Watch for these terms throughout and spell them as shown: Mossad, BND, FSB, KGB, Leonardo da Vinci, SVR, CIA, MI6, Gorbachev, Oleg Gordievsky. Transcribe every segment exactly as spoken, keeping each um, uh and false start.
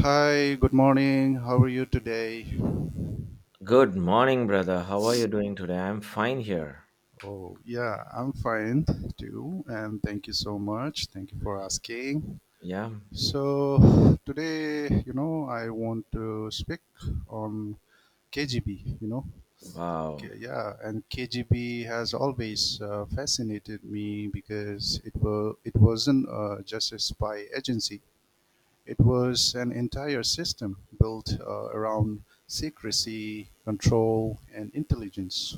Hi, good morning. How are you today? Good morning, brother. How are you doing today? I'm fine here. Oh, yeah, I'm fine too. And thank you so much. Thank you for asking. Yeah. So, today, you know, I want to speak on K G B, you know. Wow. K- Yeah, and K G B has always uh, fascinated me because it, were, it wasn't uh, just a spy agency. It was an entire system built uh, around secrecy, control, and intelligence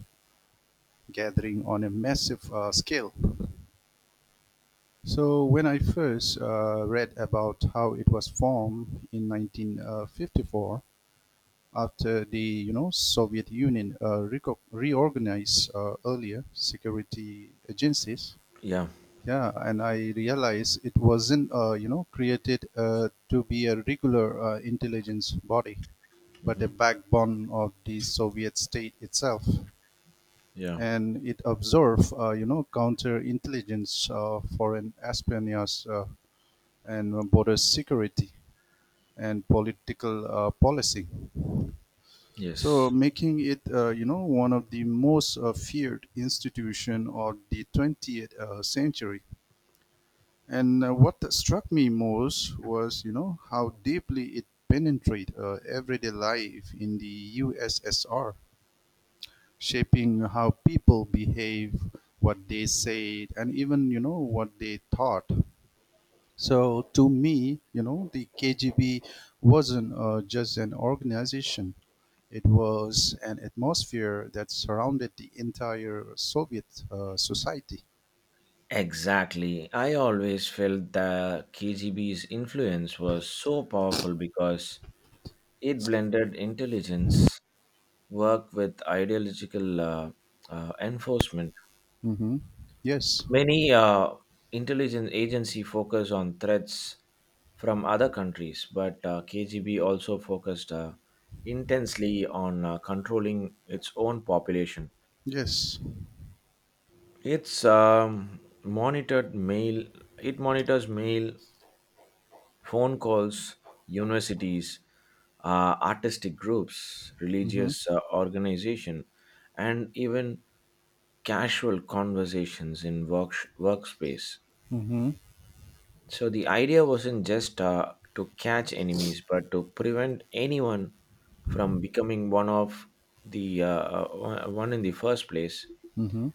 gathering on a massive uh, scale. So when I first uh, read about how it was formed in nineteen fifty-four, after the you know Soviet Union uh, reorganized uh, earlier security agencies, Yeah. yeah, and I realized it wasn't uh, you know created uh, to be a regular uh, intelligence body, but a hmm backbone of the Soviet state itself. Yeah. And it observed, uh, you know, counterintelligence, uh, foreign espionage, uh, and border security and political uh, policy. So Yes. making it, uh, you know, one of the most uh, feared institution of the twentieth uh, century. And uh, what struck me most was, you know, how deeply it penetrated uh, everyday life in the U S S R, shaping how people behave, what they said, and even you know what they thought. So to me, you know, the K G B wasn't uh, just an organization. It was an atmosphere that surrounded the entire Soviet uh, society. Exactly. I always felt the K G B's influence was so powerful because it blended intelligence work with ideological uh, uh, enforcement. Hmm. Yes. Many uh, intelligence agency focus on threats from other countries, but uh, K G B also focused uh, intensely on uh, controlling its own population. Yes. It's um, monitored mail. It monitors mail, phone calls, universities, uh, artistic groups, Mm-hmm. religious uh, organization, and even casual conversations in work workspace. Mm-hmm. So the idea wasn't just uh, to catch enemies, but to prevent anyone from becoming one of the uh, uh, one in the first place. Mm-hmm.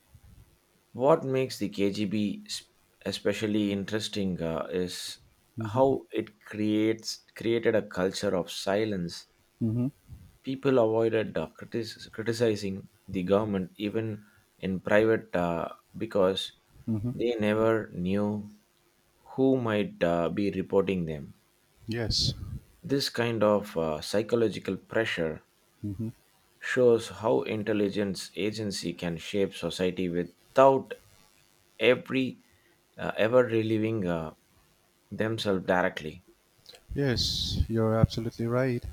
What makes the K G B sp- especially interesting uh, is Mm-hmm. how it creates created a culture of silence. Mm-hmm. People avoided uh, critis- criticizing the government even in private uh, because Mm-hmm. they never knew who might uh, be reporting them. Yes. This kind of uh, psychological pressure Mm-hmm. shows how intelligence agency can shape society without every uh, ever relieving uh, themselves directly. Yes, you're absolutely right.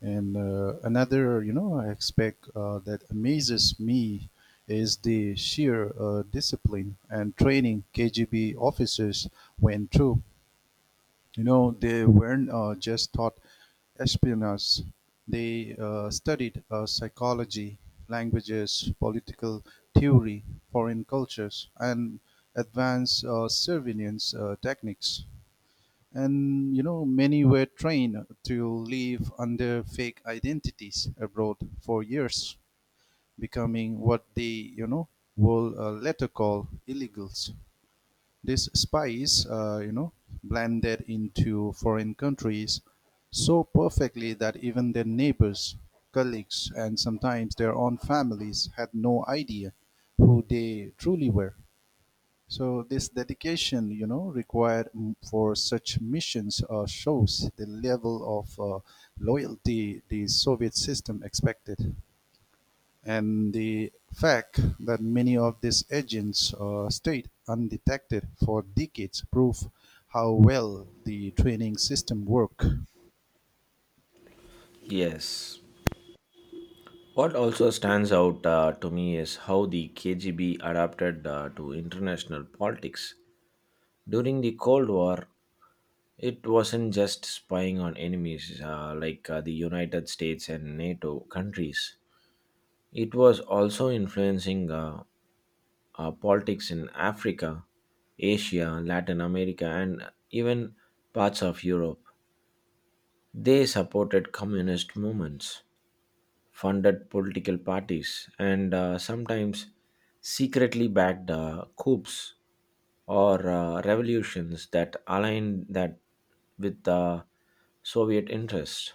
And uh, another, you know, aspect uh, that amazes me is the sheer uh, discipline and training K G B officers went through. You know, they weren't uh, just taught espionage. They uh, studied uh, psychology, languages, political theory, foreign cultures, and advanced uh, surveillance uh, techniques. And you know, many were trained to live under fake identities abroad for years, becoming what they, you know, will uh, later call illegals. These spies, uh, you know, blended into foreign countries so perfectly that even their neighbors, colleagues, and sometimes their own families had no idea who they truly were. So this dedication, you know, required mm, for such missions uh, shows the level of uh, loyalty the Soviet system expected, and the fact that many of these agents uh, stayed undetected for decades prove how well the training system worked. Yes. What also stands out uh, to me is how the K G B adapted uh, to international politics. During the Cold War, it wasn't just spying on enemies uh, like uh, the United States and NATO countries, it was also influencing uh, uh, politics in Africa, Asia, Latin America, and even parts of Europe. They supported communist movements, funded political parties, and uh, sometimes secretly backed uh, coups or uh, revolutions that aligned that with the Soviet interest.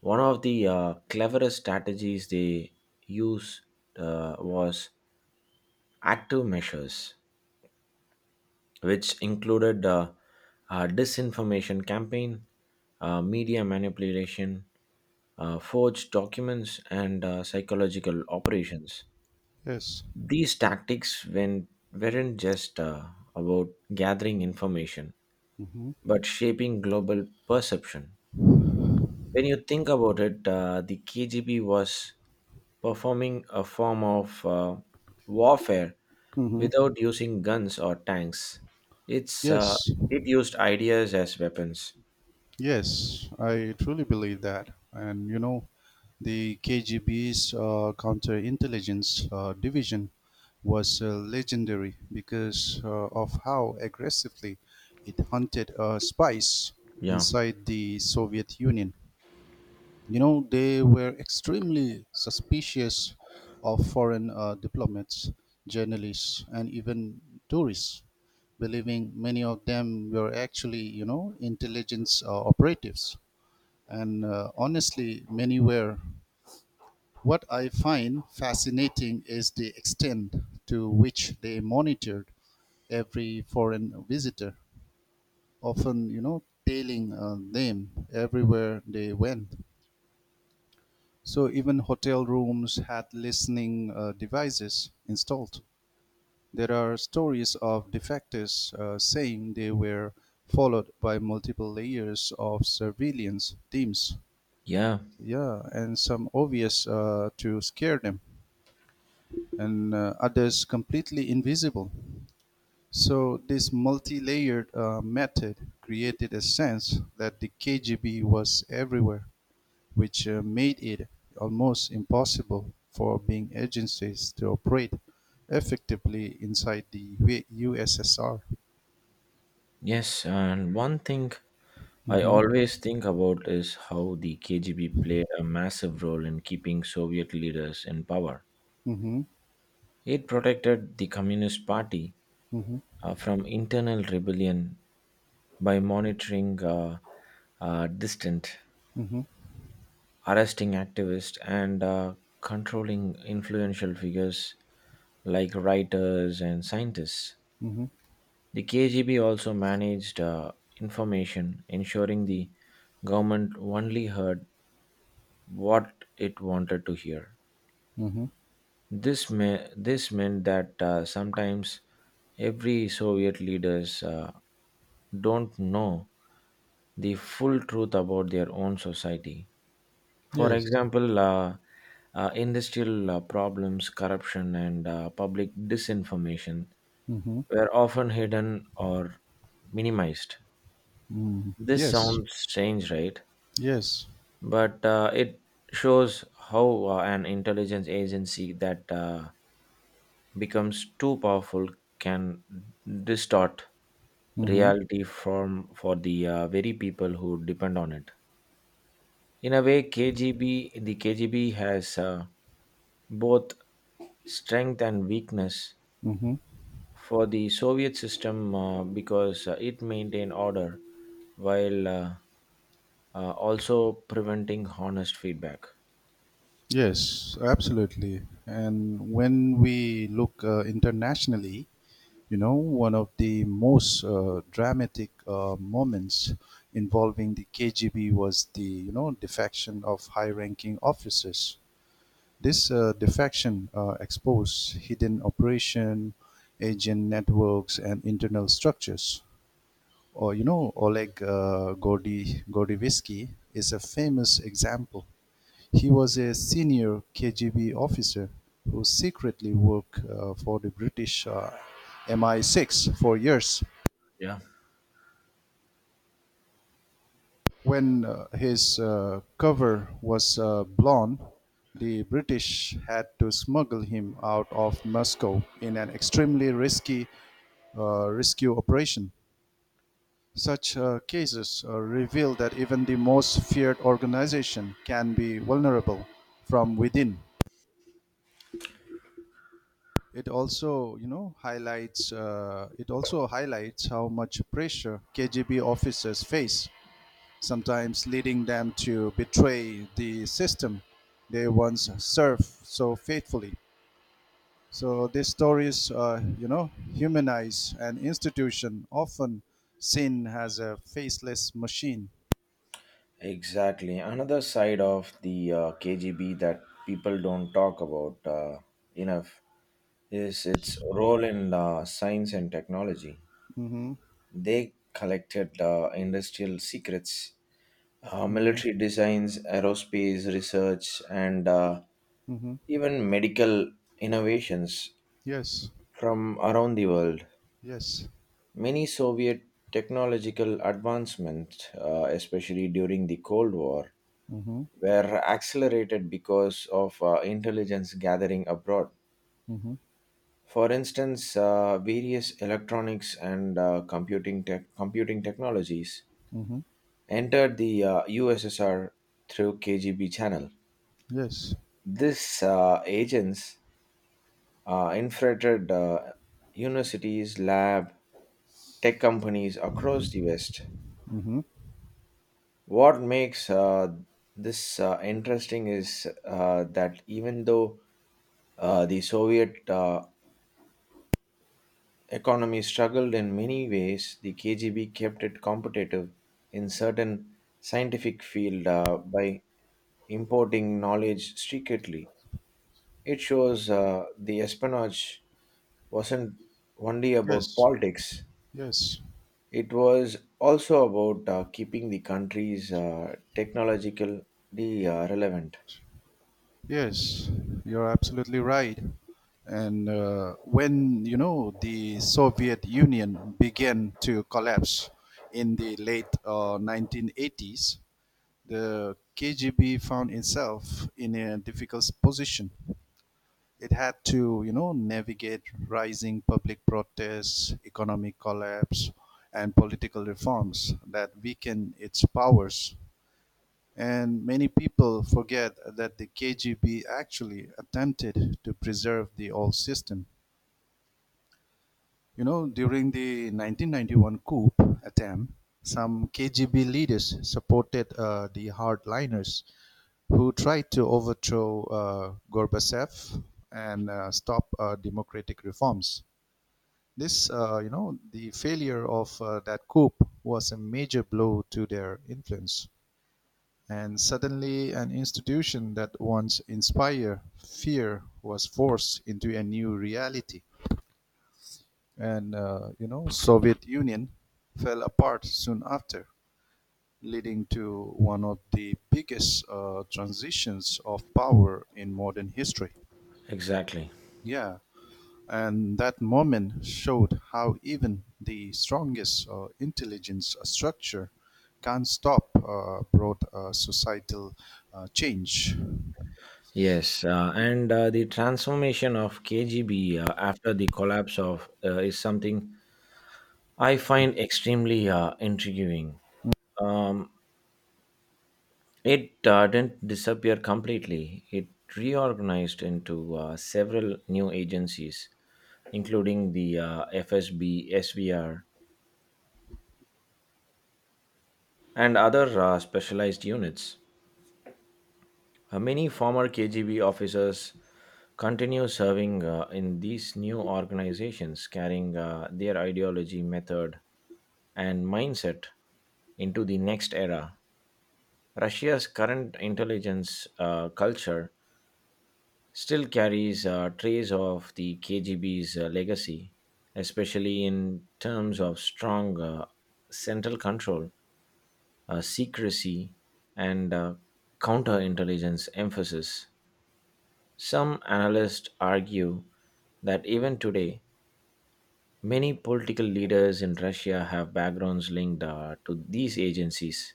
One of the uh, cleverest strategies they used uh, was active measures, which included uh, a disinformation campaign, uh, media manipulation, uh, forged documents, and uh, psychological operations. Yes. These tactics when, weren't just uh, about gathering information, Hmm. but shaping global perception. When you think about it, uh, the K G B was performing a form of uh, warfare Hmm. without using guns or tanks. It's uh, Yes. it used ideas as weapons. Yes, I truly believe that. And you know, the K G B's uh, counterintelligence uh, division was uh, legendary because uh, of how aggressively it hunted uh, spies Yeah, inside the Soviet Union. You know, they were extremely suspicious of foreign uh, diplomats, journalists, and even tourists, believing many of them were actually, you know, intelligence uh, operatives. And uh, honestly, many were. What I find fascinating is the extent to which they monitored every foreign visitor, often, you know, tailing uh, them everywhere they went. So even hotel rooms had listening uh, devices installed. There are stories of defectors uh, saying they were followed by multiple layers of surveillance teams, yeah, yeah, and some obvious uh, to scare them, and uh, others completely invisible. So, this multi layered uh, method created a sense that the K G B was everywhere, which uh, made it almost impossible for being agencies to operate effectively inside the U- USSR. yes. And one thing I Mm-hmm. always think about is how the K G B played a massive role in keeping Soviet leaders in power. Mm-hmm. It protected the Communist Party Mm-hmm. uh, from internal rebellion by monitoring uh, uh, distant, Mm-hmm. arresting activists, and uh, controlling influential figures like writers and scientists. Mm-hmm. The K G B also managed uh, information, ensuring the government only heard what it wanted to hear. Mm-hmm. This, me- this meant that uh, sometimes every Soviet leaders uh, don't know the full truth about their own society. For Yes. example, uh, uh, industrial uh, problems, corruption, and uh, public disinformation Mm-hmm. were often hidden or minimized. Mm-hmm. This Yes. sounds strange, right? Yes. But uh, it shows how uh, an intelligence agency that uh, becomes too powerful can distort Mm-hmm. reality from for the uh, very people who depend on it. In a way, K G B the K G B has uh, both strength and weakness Hmm. for the Soviet system uh, because uh, it maintained order while uh, uh, also preventing honest feedback. Yes, absolutely. And when we look uh, internationally, you know, one of the most uh, dramatic uh, moments involving the K G B was the, you know, defection of high-ranking officers. This uh, defection uh, exposed hidden operation, agent networks, and internal structures. Or, you know, Oleg uh, Gordy, Gordievsky is a famous example. He was a senior K G B officer who secretly worked uh, for the British uh, M I six for years. Yeah. When uh, his uh, cover was uh, blown, the British had to smuggle him out of Moscow in an extremely risky uh, rescue operation. Such uh, cases uh, reveal that even the most feared organization can be vulnerable from within. it also you know highlights uh, it also highlights how much pressure K G B officers face, sometimes leading them to betray the system they once served so faithfully. So these stories, uh, you know, humanize an institution often seen as a faceless machine. Exactly. Another side of the uh, K G B that people don't talk about uh, enough is its role in uh, science and technology. Mm-hmm. They collected uh, industrial secrets, uh, Mm-hmm. military designs, aerospace research, and uh, Mm-hmm. even medical innovations Yes. from around the world. Yes. Many Soviet technological advancements, uh, especially during the Cold War, Mm-hmm. were accelerated because of uh, intelligence gathering abroad. Mm-hmm. For instance, uh, various electronics and uh, computing tech computing technologies Mm-hmm. entered the uh, U S S R through K G B channel. Yes. These uh, agents uh, infiltrated uh, universities, lab, tech companies across the West. Mm-hmm. What makes uh, this uh, interesting is uh, that even though uh, the Soviet uh, economy struggled in many ways, the K G B kept it competitive in certain scientific field uh, by importing knowledge secretly. It shows uh, the espionage wasn't only about Yes. politics; Yes. it was also about uh, keeping the country's uh, technologically uh, relevant. Yes, you're absolutely right. And uh, when you know the Soviet Union began to collapse in the late uh, nineteen eighties, the K G B found itself in a difficult position. It had to, you know, navigate rising public protests, economic collapse, and political reforms that weakened its powers, and many people forget that the K G B actually attempted to preserve the old system. You know, during the nineteen ninety-one coup attempt, some K G B leaders supported uh, the hardliners who tried to overthrow uh, Gorbachev and uh, stop uh, democratic reforms. This, uh, you know, the failure of uh, that coup was a major blow to their influence. And suddenly an institution that once inspired fear was forced into a new reality. And uh, you know, Soviet Union fell apart soon after, leading to one of the biggest uh, transitions of power in modern history. Exactly. Yeah, and that moment showed how even the strongest uh, intelligence structure can't stop uh, broad uh, societal uh, change. Yes, uh, and uh, the transformation of K G B uh, after the collapse of uh, is something I find extremely uh, intriguing. Um, it uh, didn't disappear completely. It reorganized into uh, several new agencies, including the uh, F S B, S V R, and other uh, specialized units. Uh, many former K G B officers continue serving uh, in these new organizations, carrying uh, their ideology, method, and mindset into the next era. Russia's current intelligence uh, culture still carries uh, trace of the K G B's uh, legacy, especially in terms of strong uh, central control, uh, secrecy, and uh, counterintelligence emphasis. Some analysts argue that even today, many political leaders in Russia have backgrounds linked uh, to these agencies,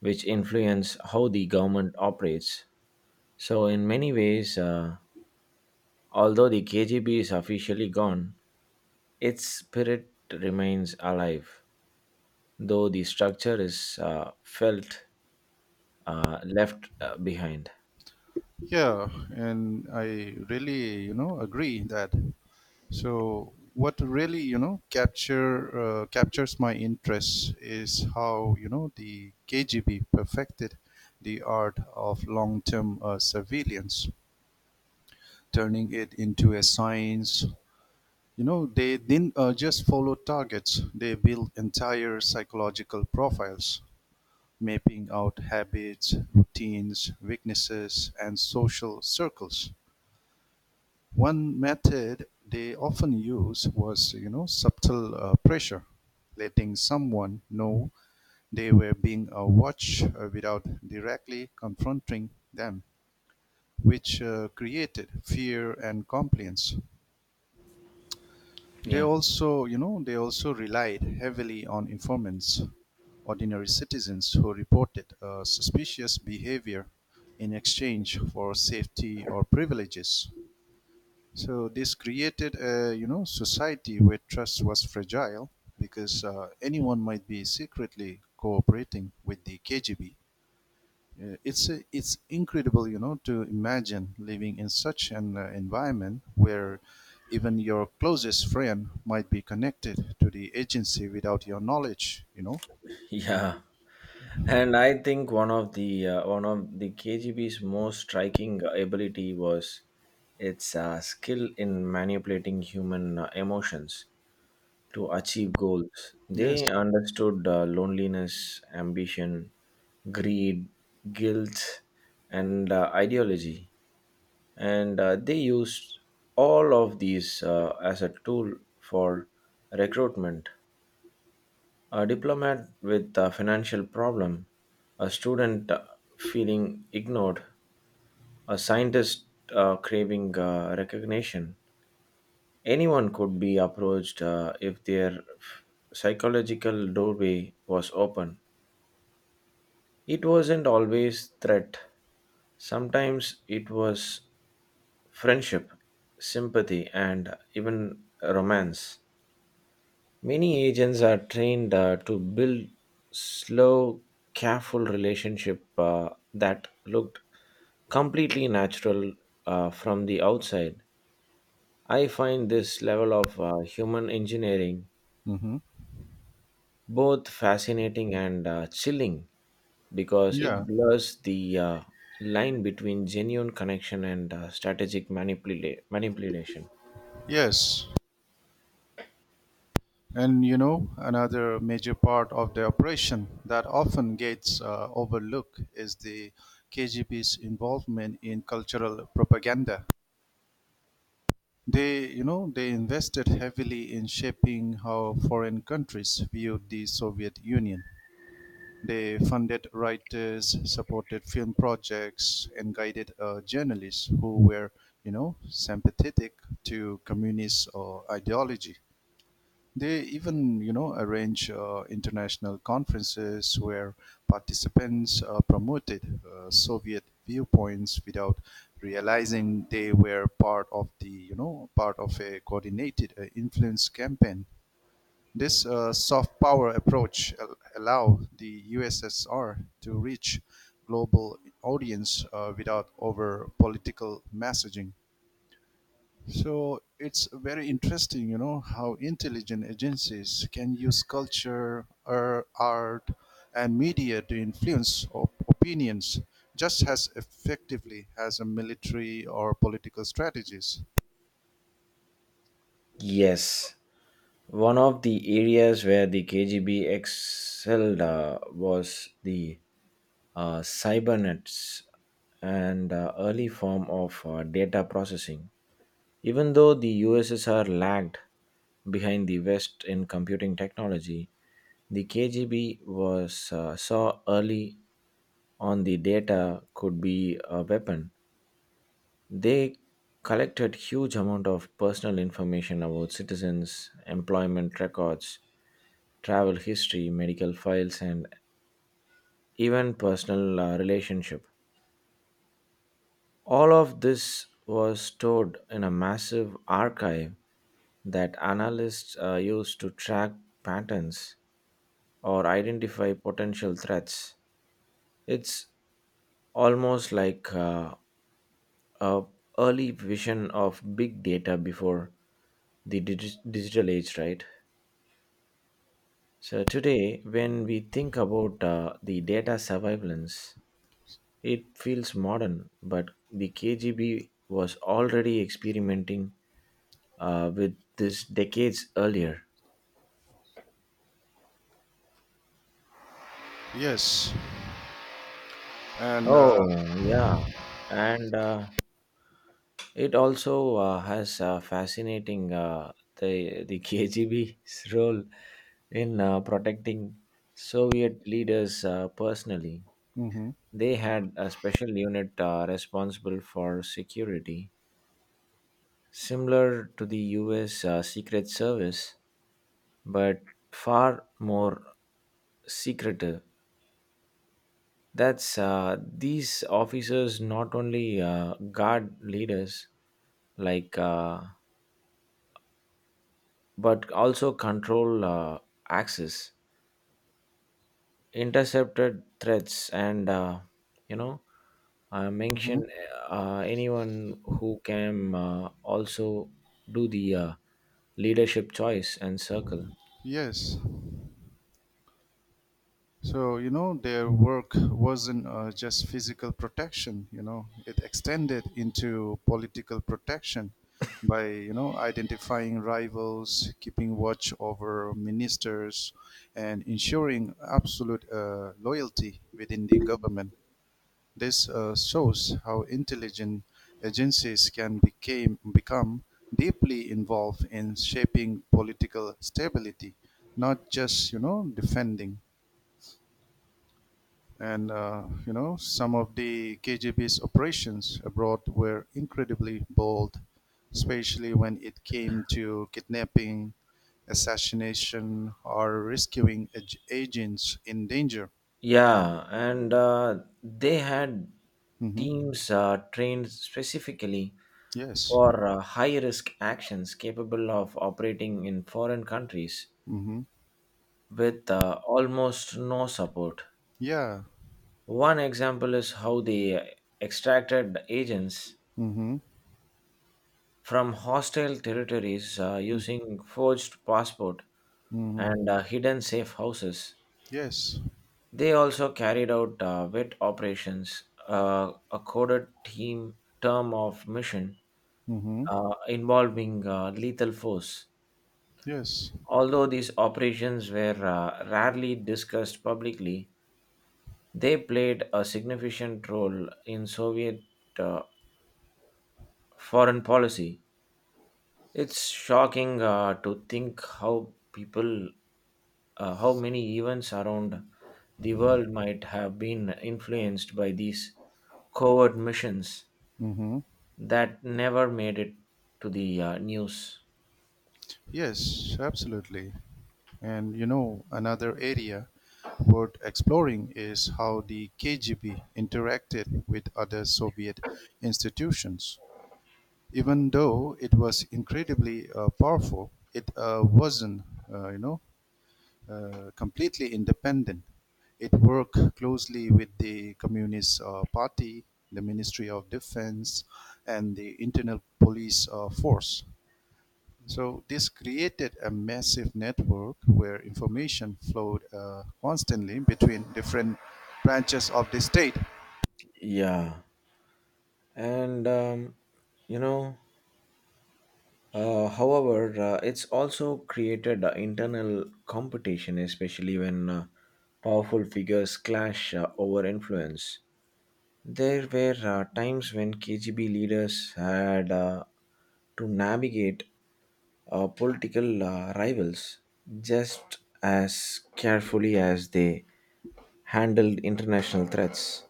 which influence how the government operates. So, in many ways, uh, although the K G B is officially gone, its spirit remains alive, though the structure is uh, felt uh, left uh, behind. Yeah, and I really, you know, agree that. So what really, you know, capture uh, captures my interest is how, you know, the K G B perfected the art of long-term uh, surveillance, turning it into a science. You know, they didn't uh, just follow targets; they built entire psychological profiles, mapping out habits, routines, weaknesses, and social circles. One method they often used was, you know, subtle uh, pressure, letting someone know they were being uh, watched uh, without directly confronting them, which uh, created fear and compliance. They Yeah. also, you know, they also relied heavily on informants, ordinary citizens who reported uh, suspicious behavior in exchange for safety or privileges. So this created a you know society where trust was fragile because uh, anyone might be secretly cooperating with the K G B. Uh, it's a, it's incredible you know to imagine living in such an uh, environment where even your closest friend might be connected to the agency without your knowledge. You know. Yeah. And I think one of the uh, one of the K G B's most striking ability was its uh, skill in manipulating human uh, emotions to achieve goals. Yes. They understood uh, loneliness, ambition, greed, guilt, and uh, ideology, and uh, they used all of these uh, as a tool for recruitment: a diplomat with a financial problem, a student uh, feeling ignored, a scientist uh, craving uh, recognition. Anyone could be approached uh, if their psychological doorway was open. It wasn't always threat. Sometimes it was friendship, sympathy, and even romance. Many agents are trained uh, to build slow, careful relationship uh, that looked completely natural uh, from the outside. I find this level of uh, human engineering Mm-hmm. both fascinating and uh, chilling because Yeah. it blurs the uh, line between genuine connection and uh, strategic manipula- manipulation. Yes. And you know, another major part of the operation that often gets uh, overlooked is the K G B's involvement in cultural propaganda. They, you know, they invested heavily in shaping how foreign countries viewed the Soviet Union. They funded writers, supported film projects, and guided uh, journalists who were, you know, sympathetic to communist uh, ideology. They even, you know, arrange uh, international conferences where participants uh, promoted uh, Soviet viewpoints without realizing they were part of the, you know, part of a coordinated uh, influence campaign. This uh, soft power approach al- allowed the U S S R to reach global audience uh, without over political messaging. So it's very interesting, you know, how intelligent agencies can use culture, er, art, and media to influence op- opinions just as effectively as a military or political strategies. Yes, one of the areas where the K G B excelled uh, was the uh, cybernetics and uh, early form of uh, data processing. Even though the U S S R lagged behind the West in computing technology, the K G B was uh, saw early on the data could be a weapon. They collected huge amount of personal information about citizens, employment records, travel history, medical files, and even personal uh, relationship. All of this was stored in a massive archive that analysts uh, use to track patterns or identify potential threats. It's almost like uh, a early vision of big data before the digi- digital age, right? So today, when we think about uh, the data surveillance, it feels modern, but the K G B was already experimenting uh, with this decades earlier. Yes, and uh, Oh, yeah. And uh, It also uh, has uh, fascinating uh, the the K G B's role in uh, protecting Soviet leaders uh, personally. mhm, They had a special unit uh, responsible for security, similar to the U S uh, Secret Service, but far more secretive. That's uh, These officers not only uh, guard leaders like. Uh, but also control uh, access, intercepted threats, and uh, you know uh, mhm. mention uh, anyone who can uh, also do the uh, leadership choice and circle. Yes, so, you know, their work wasn't uh, just physical protection, you know, it extended into political protection by, you know, identifying rivals, keeping watch over ministers, and ensuring absolute uh, loyalty within the government. This uh, shows how intelligent agencies can became, become deeply involved in shaping political stability, not just, you know, defending. And, uh, you know, some of the K G B's operations abroad were incredibly bold, especially when it came to kidnapping, assassination, or rescuing ag- agents in danger. Yeah, and uh, they had Hmm. teams uh, trained specifically Yes. for uh, high risk actions capable of operating in foreign countries Hmm. with uh, almost no support. Yeah. One example is how they extracted agents Hmm. from hostile territories uh, using forged passport Hmm. and uh, hidden safe houses. Yes. They also carried out uh, wet operations, uh, a coded team term of mission Hmm. uh, involving uh, lethal force. Yes. Although these operations were uh, rarely discussed publicly, they played a significant role in Soviet uh, foreign policy. It's shocking uh, to think how people, uh, how many events around the world might have been influenced by these covert missions Hmm. that never made it to the uh, news. Yes, absolutely. And you know, another area worth exploring is how the K G B interacted with other Soviet institutions. Even though it was incredibly uh, powerful, it uh, wasn't, uh, you know, uh, completely independent. It worked closely with the Communist uh, Party, the Ministry of Defense, and the internal police uh, force. So this created a massive network where information flowed uh, constantly between different branches of the state. Yeah, and um, you know, uh, however, uh, it's also created uh, internal competition, especially when uh, powerful figures clash uh, over influence. There were uh, times when K G B leaders had uh, to navigate uh, political uh, rivals just as carefully as they handled international threats.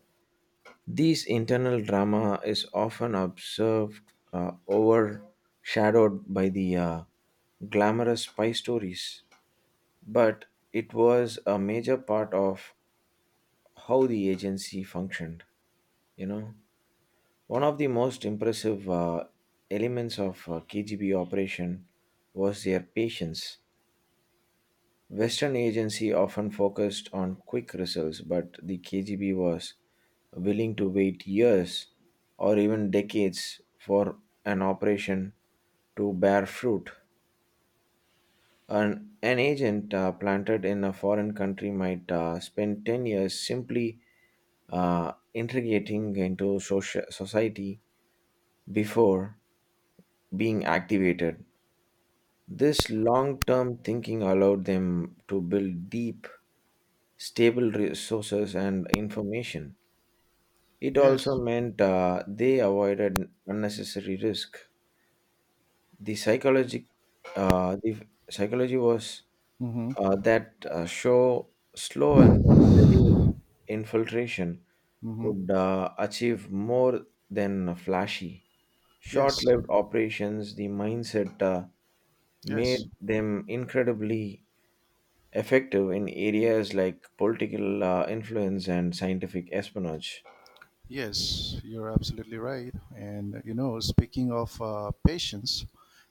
This internal drama is often observed uh, overshadowed by the uh, glamorous spy stories, but it was a major part of how the agency functioned, you know. One of the most impressive uh, elements of uh, K G B operation was their patience. Western agency often focused on quick results, but the K G B was willing to wait years or even decades for an operation to bear fruit. An, an agent uh, planted in a foreign country might uh, spend ten years simply uh, integrating into socia- society before being activated. This long term thinking allowed them to build deep, stable resources and information. It also Yes. meant uh, they avoided unnecessary risk. The psychology, uh, the psychology was uh, Mm-hmm. that uh, show slow and steady infiltration Mm-hmm. could uh, achieve more than flashy, Yes. short-lived operations. The mindset uh, Yes. made them incredibly effective in areas like political uh, influence and scientific espionage. Yes. You're absolutely right. And you know, speaking of uh, patients,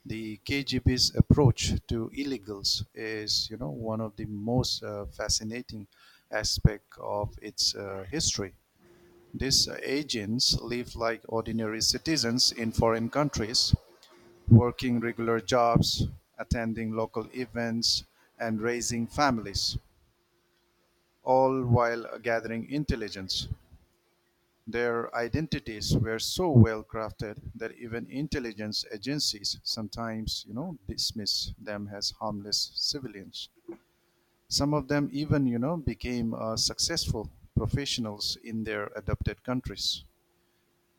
the K G B's approach to illegals is, you know, one of the most uh, fascinating aspect of its uh, history. These agents live like ordinary citizens in foreign countries, working regular jobs, attending local events, and raising families, all while gathering intelligence. Their identities were so well crafted that even intelligence agencies sometimes, you know, dismiss them as harmless civilians. Some of them even, you know, became uh, successful professionals in their adopted countries.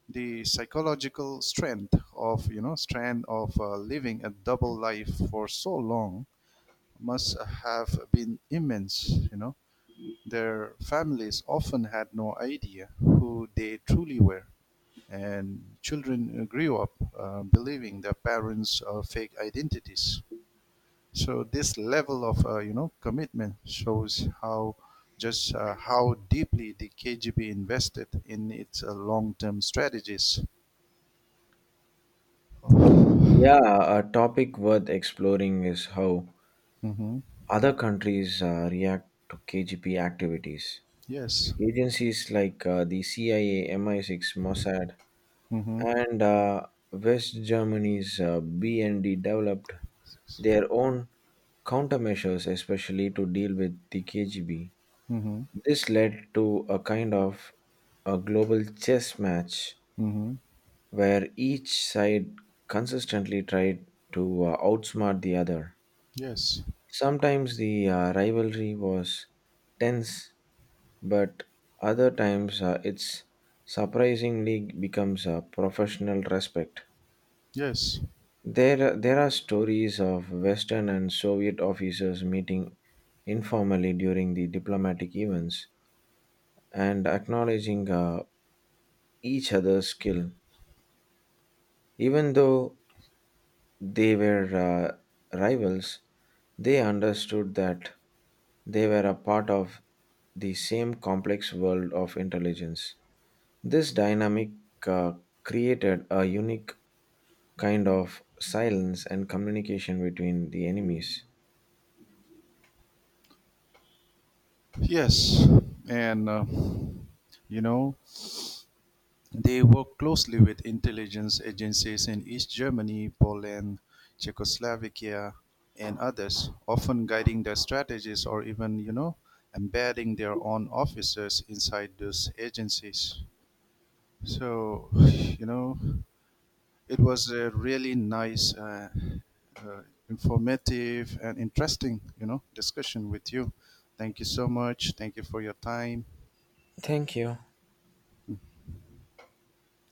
The psychological strength of you know strand of uh, living a double life for so long must have been immense, you know their families often had no idea who they truly were, and children grew up uh, believing their parents are fake identities. So this level of uh, you know commitment shows how just uh, how deeply the K G B invested in its uh, long-term strategies. Yeah, a topic worth exploring is how Mhm. other countries uh, react to K G B activities. Yes. Agencies like uh, the C I A, M I six, Mossad, Mm-hmm. and uh, West Germany's uh, B N D developed their own countermeasures, especially to deal with the K G B. Mm-hmm. This led to a kind of a global chess match Mm-hmm. where each side consistently tried to uh, outsmart the other. Yes. Sometimes the uh, rivalry was tense, but other times uh, it's surprisingly becomes a professional respect. Yes. There, there are stories of Western and Soviet officers meeting informally during the diplomatic events and acknowledging uh, each other's skill. Even though they were uh, rivals, they understood that they were a part of the same complex world of intelligence. This dynamic uh, created a unique kind of silence and communication between the enemies. Yes. And uh, you know, they work closely with intelligence agencies in East Germany, Poland, Czechoslovakia, and others, often guiding their strategies or even, you know, embedding their own officers inside those agencies. So, you know, it was a really nice, uh, uh, informative, and interesting, you know, discussion with you. Thank you so much. Thank you for your time. Thank you.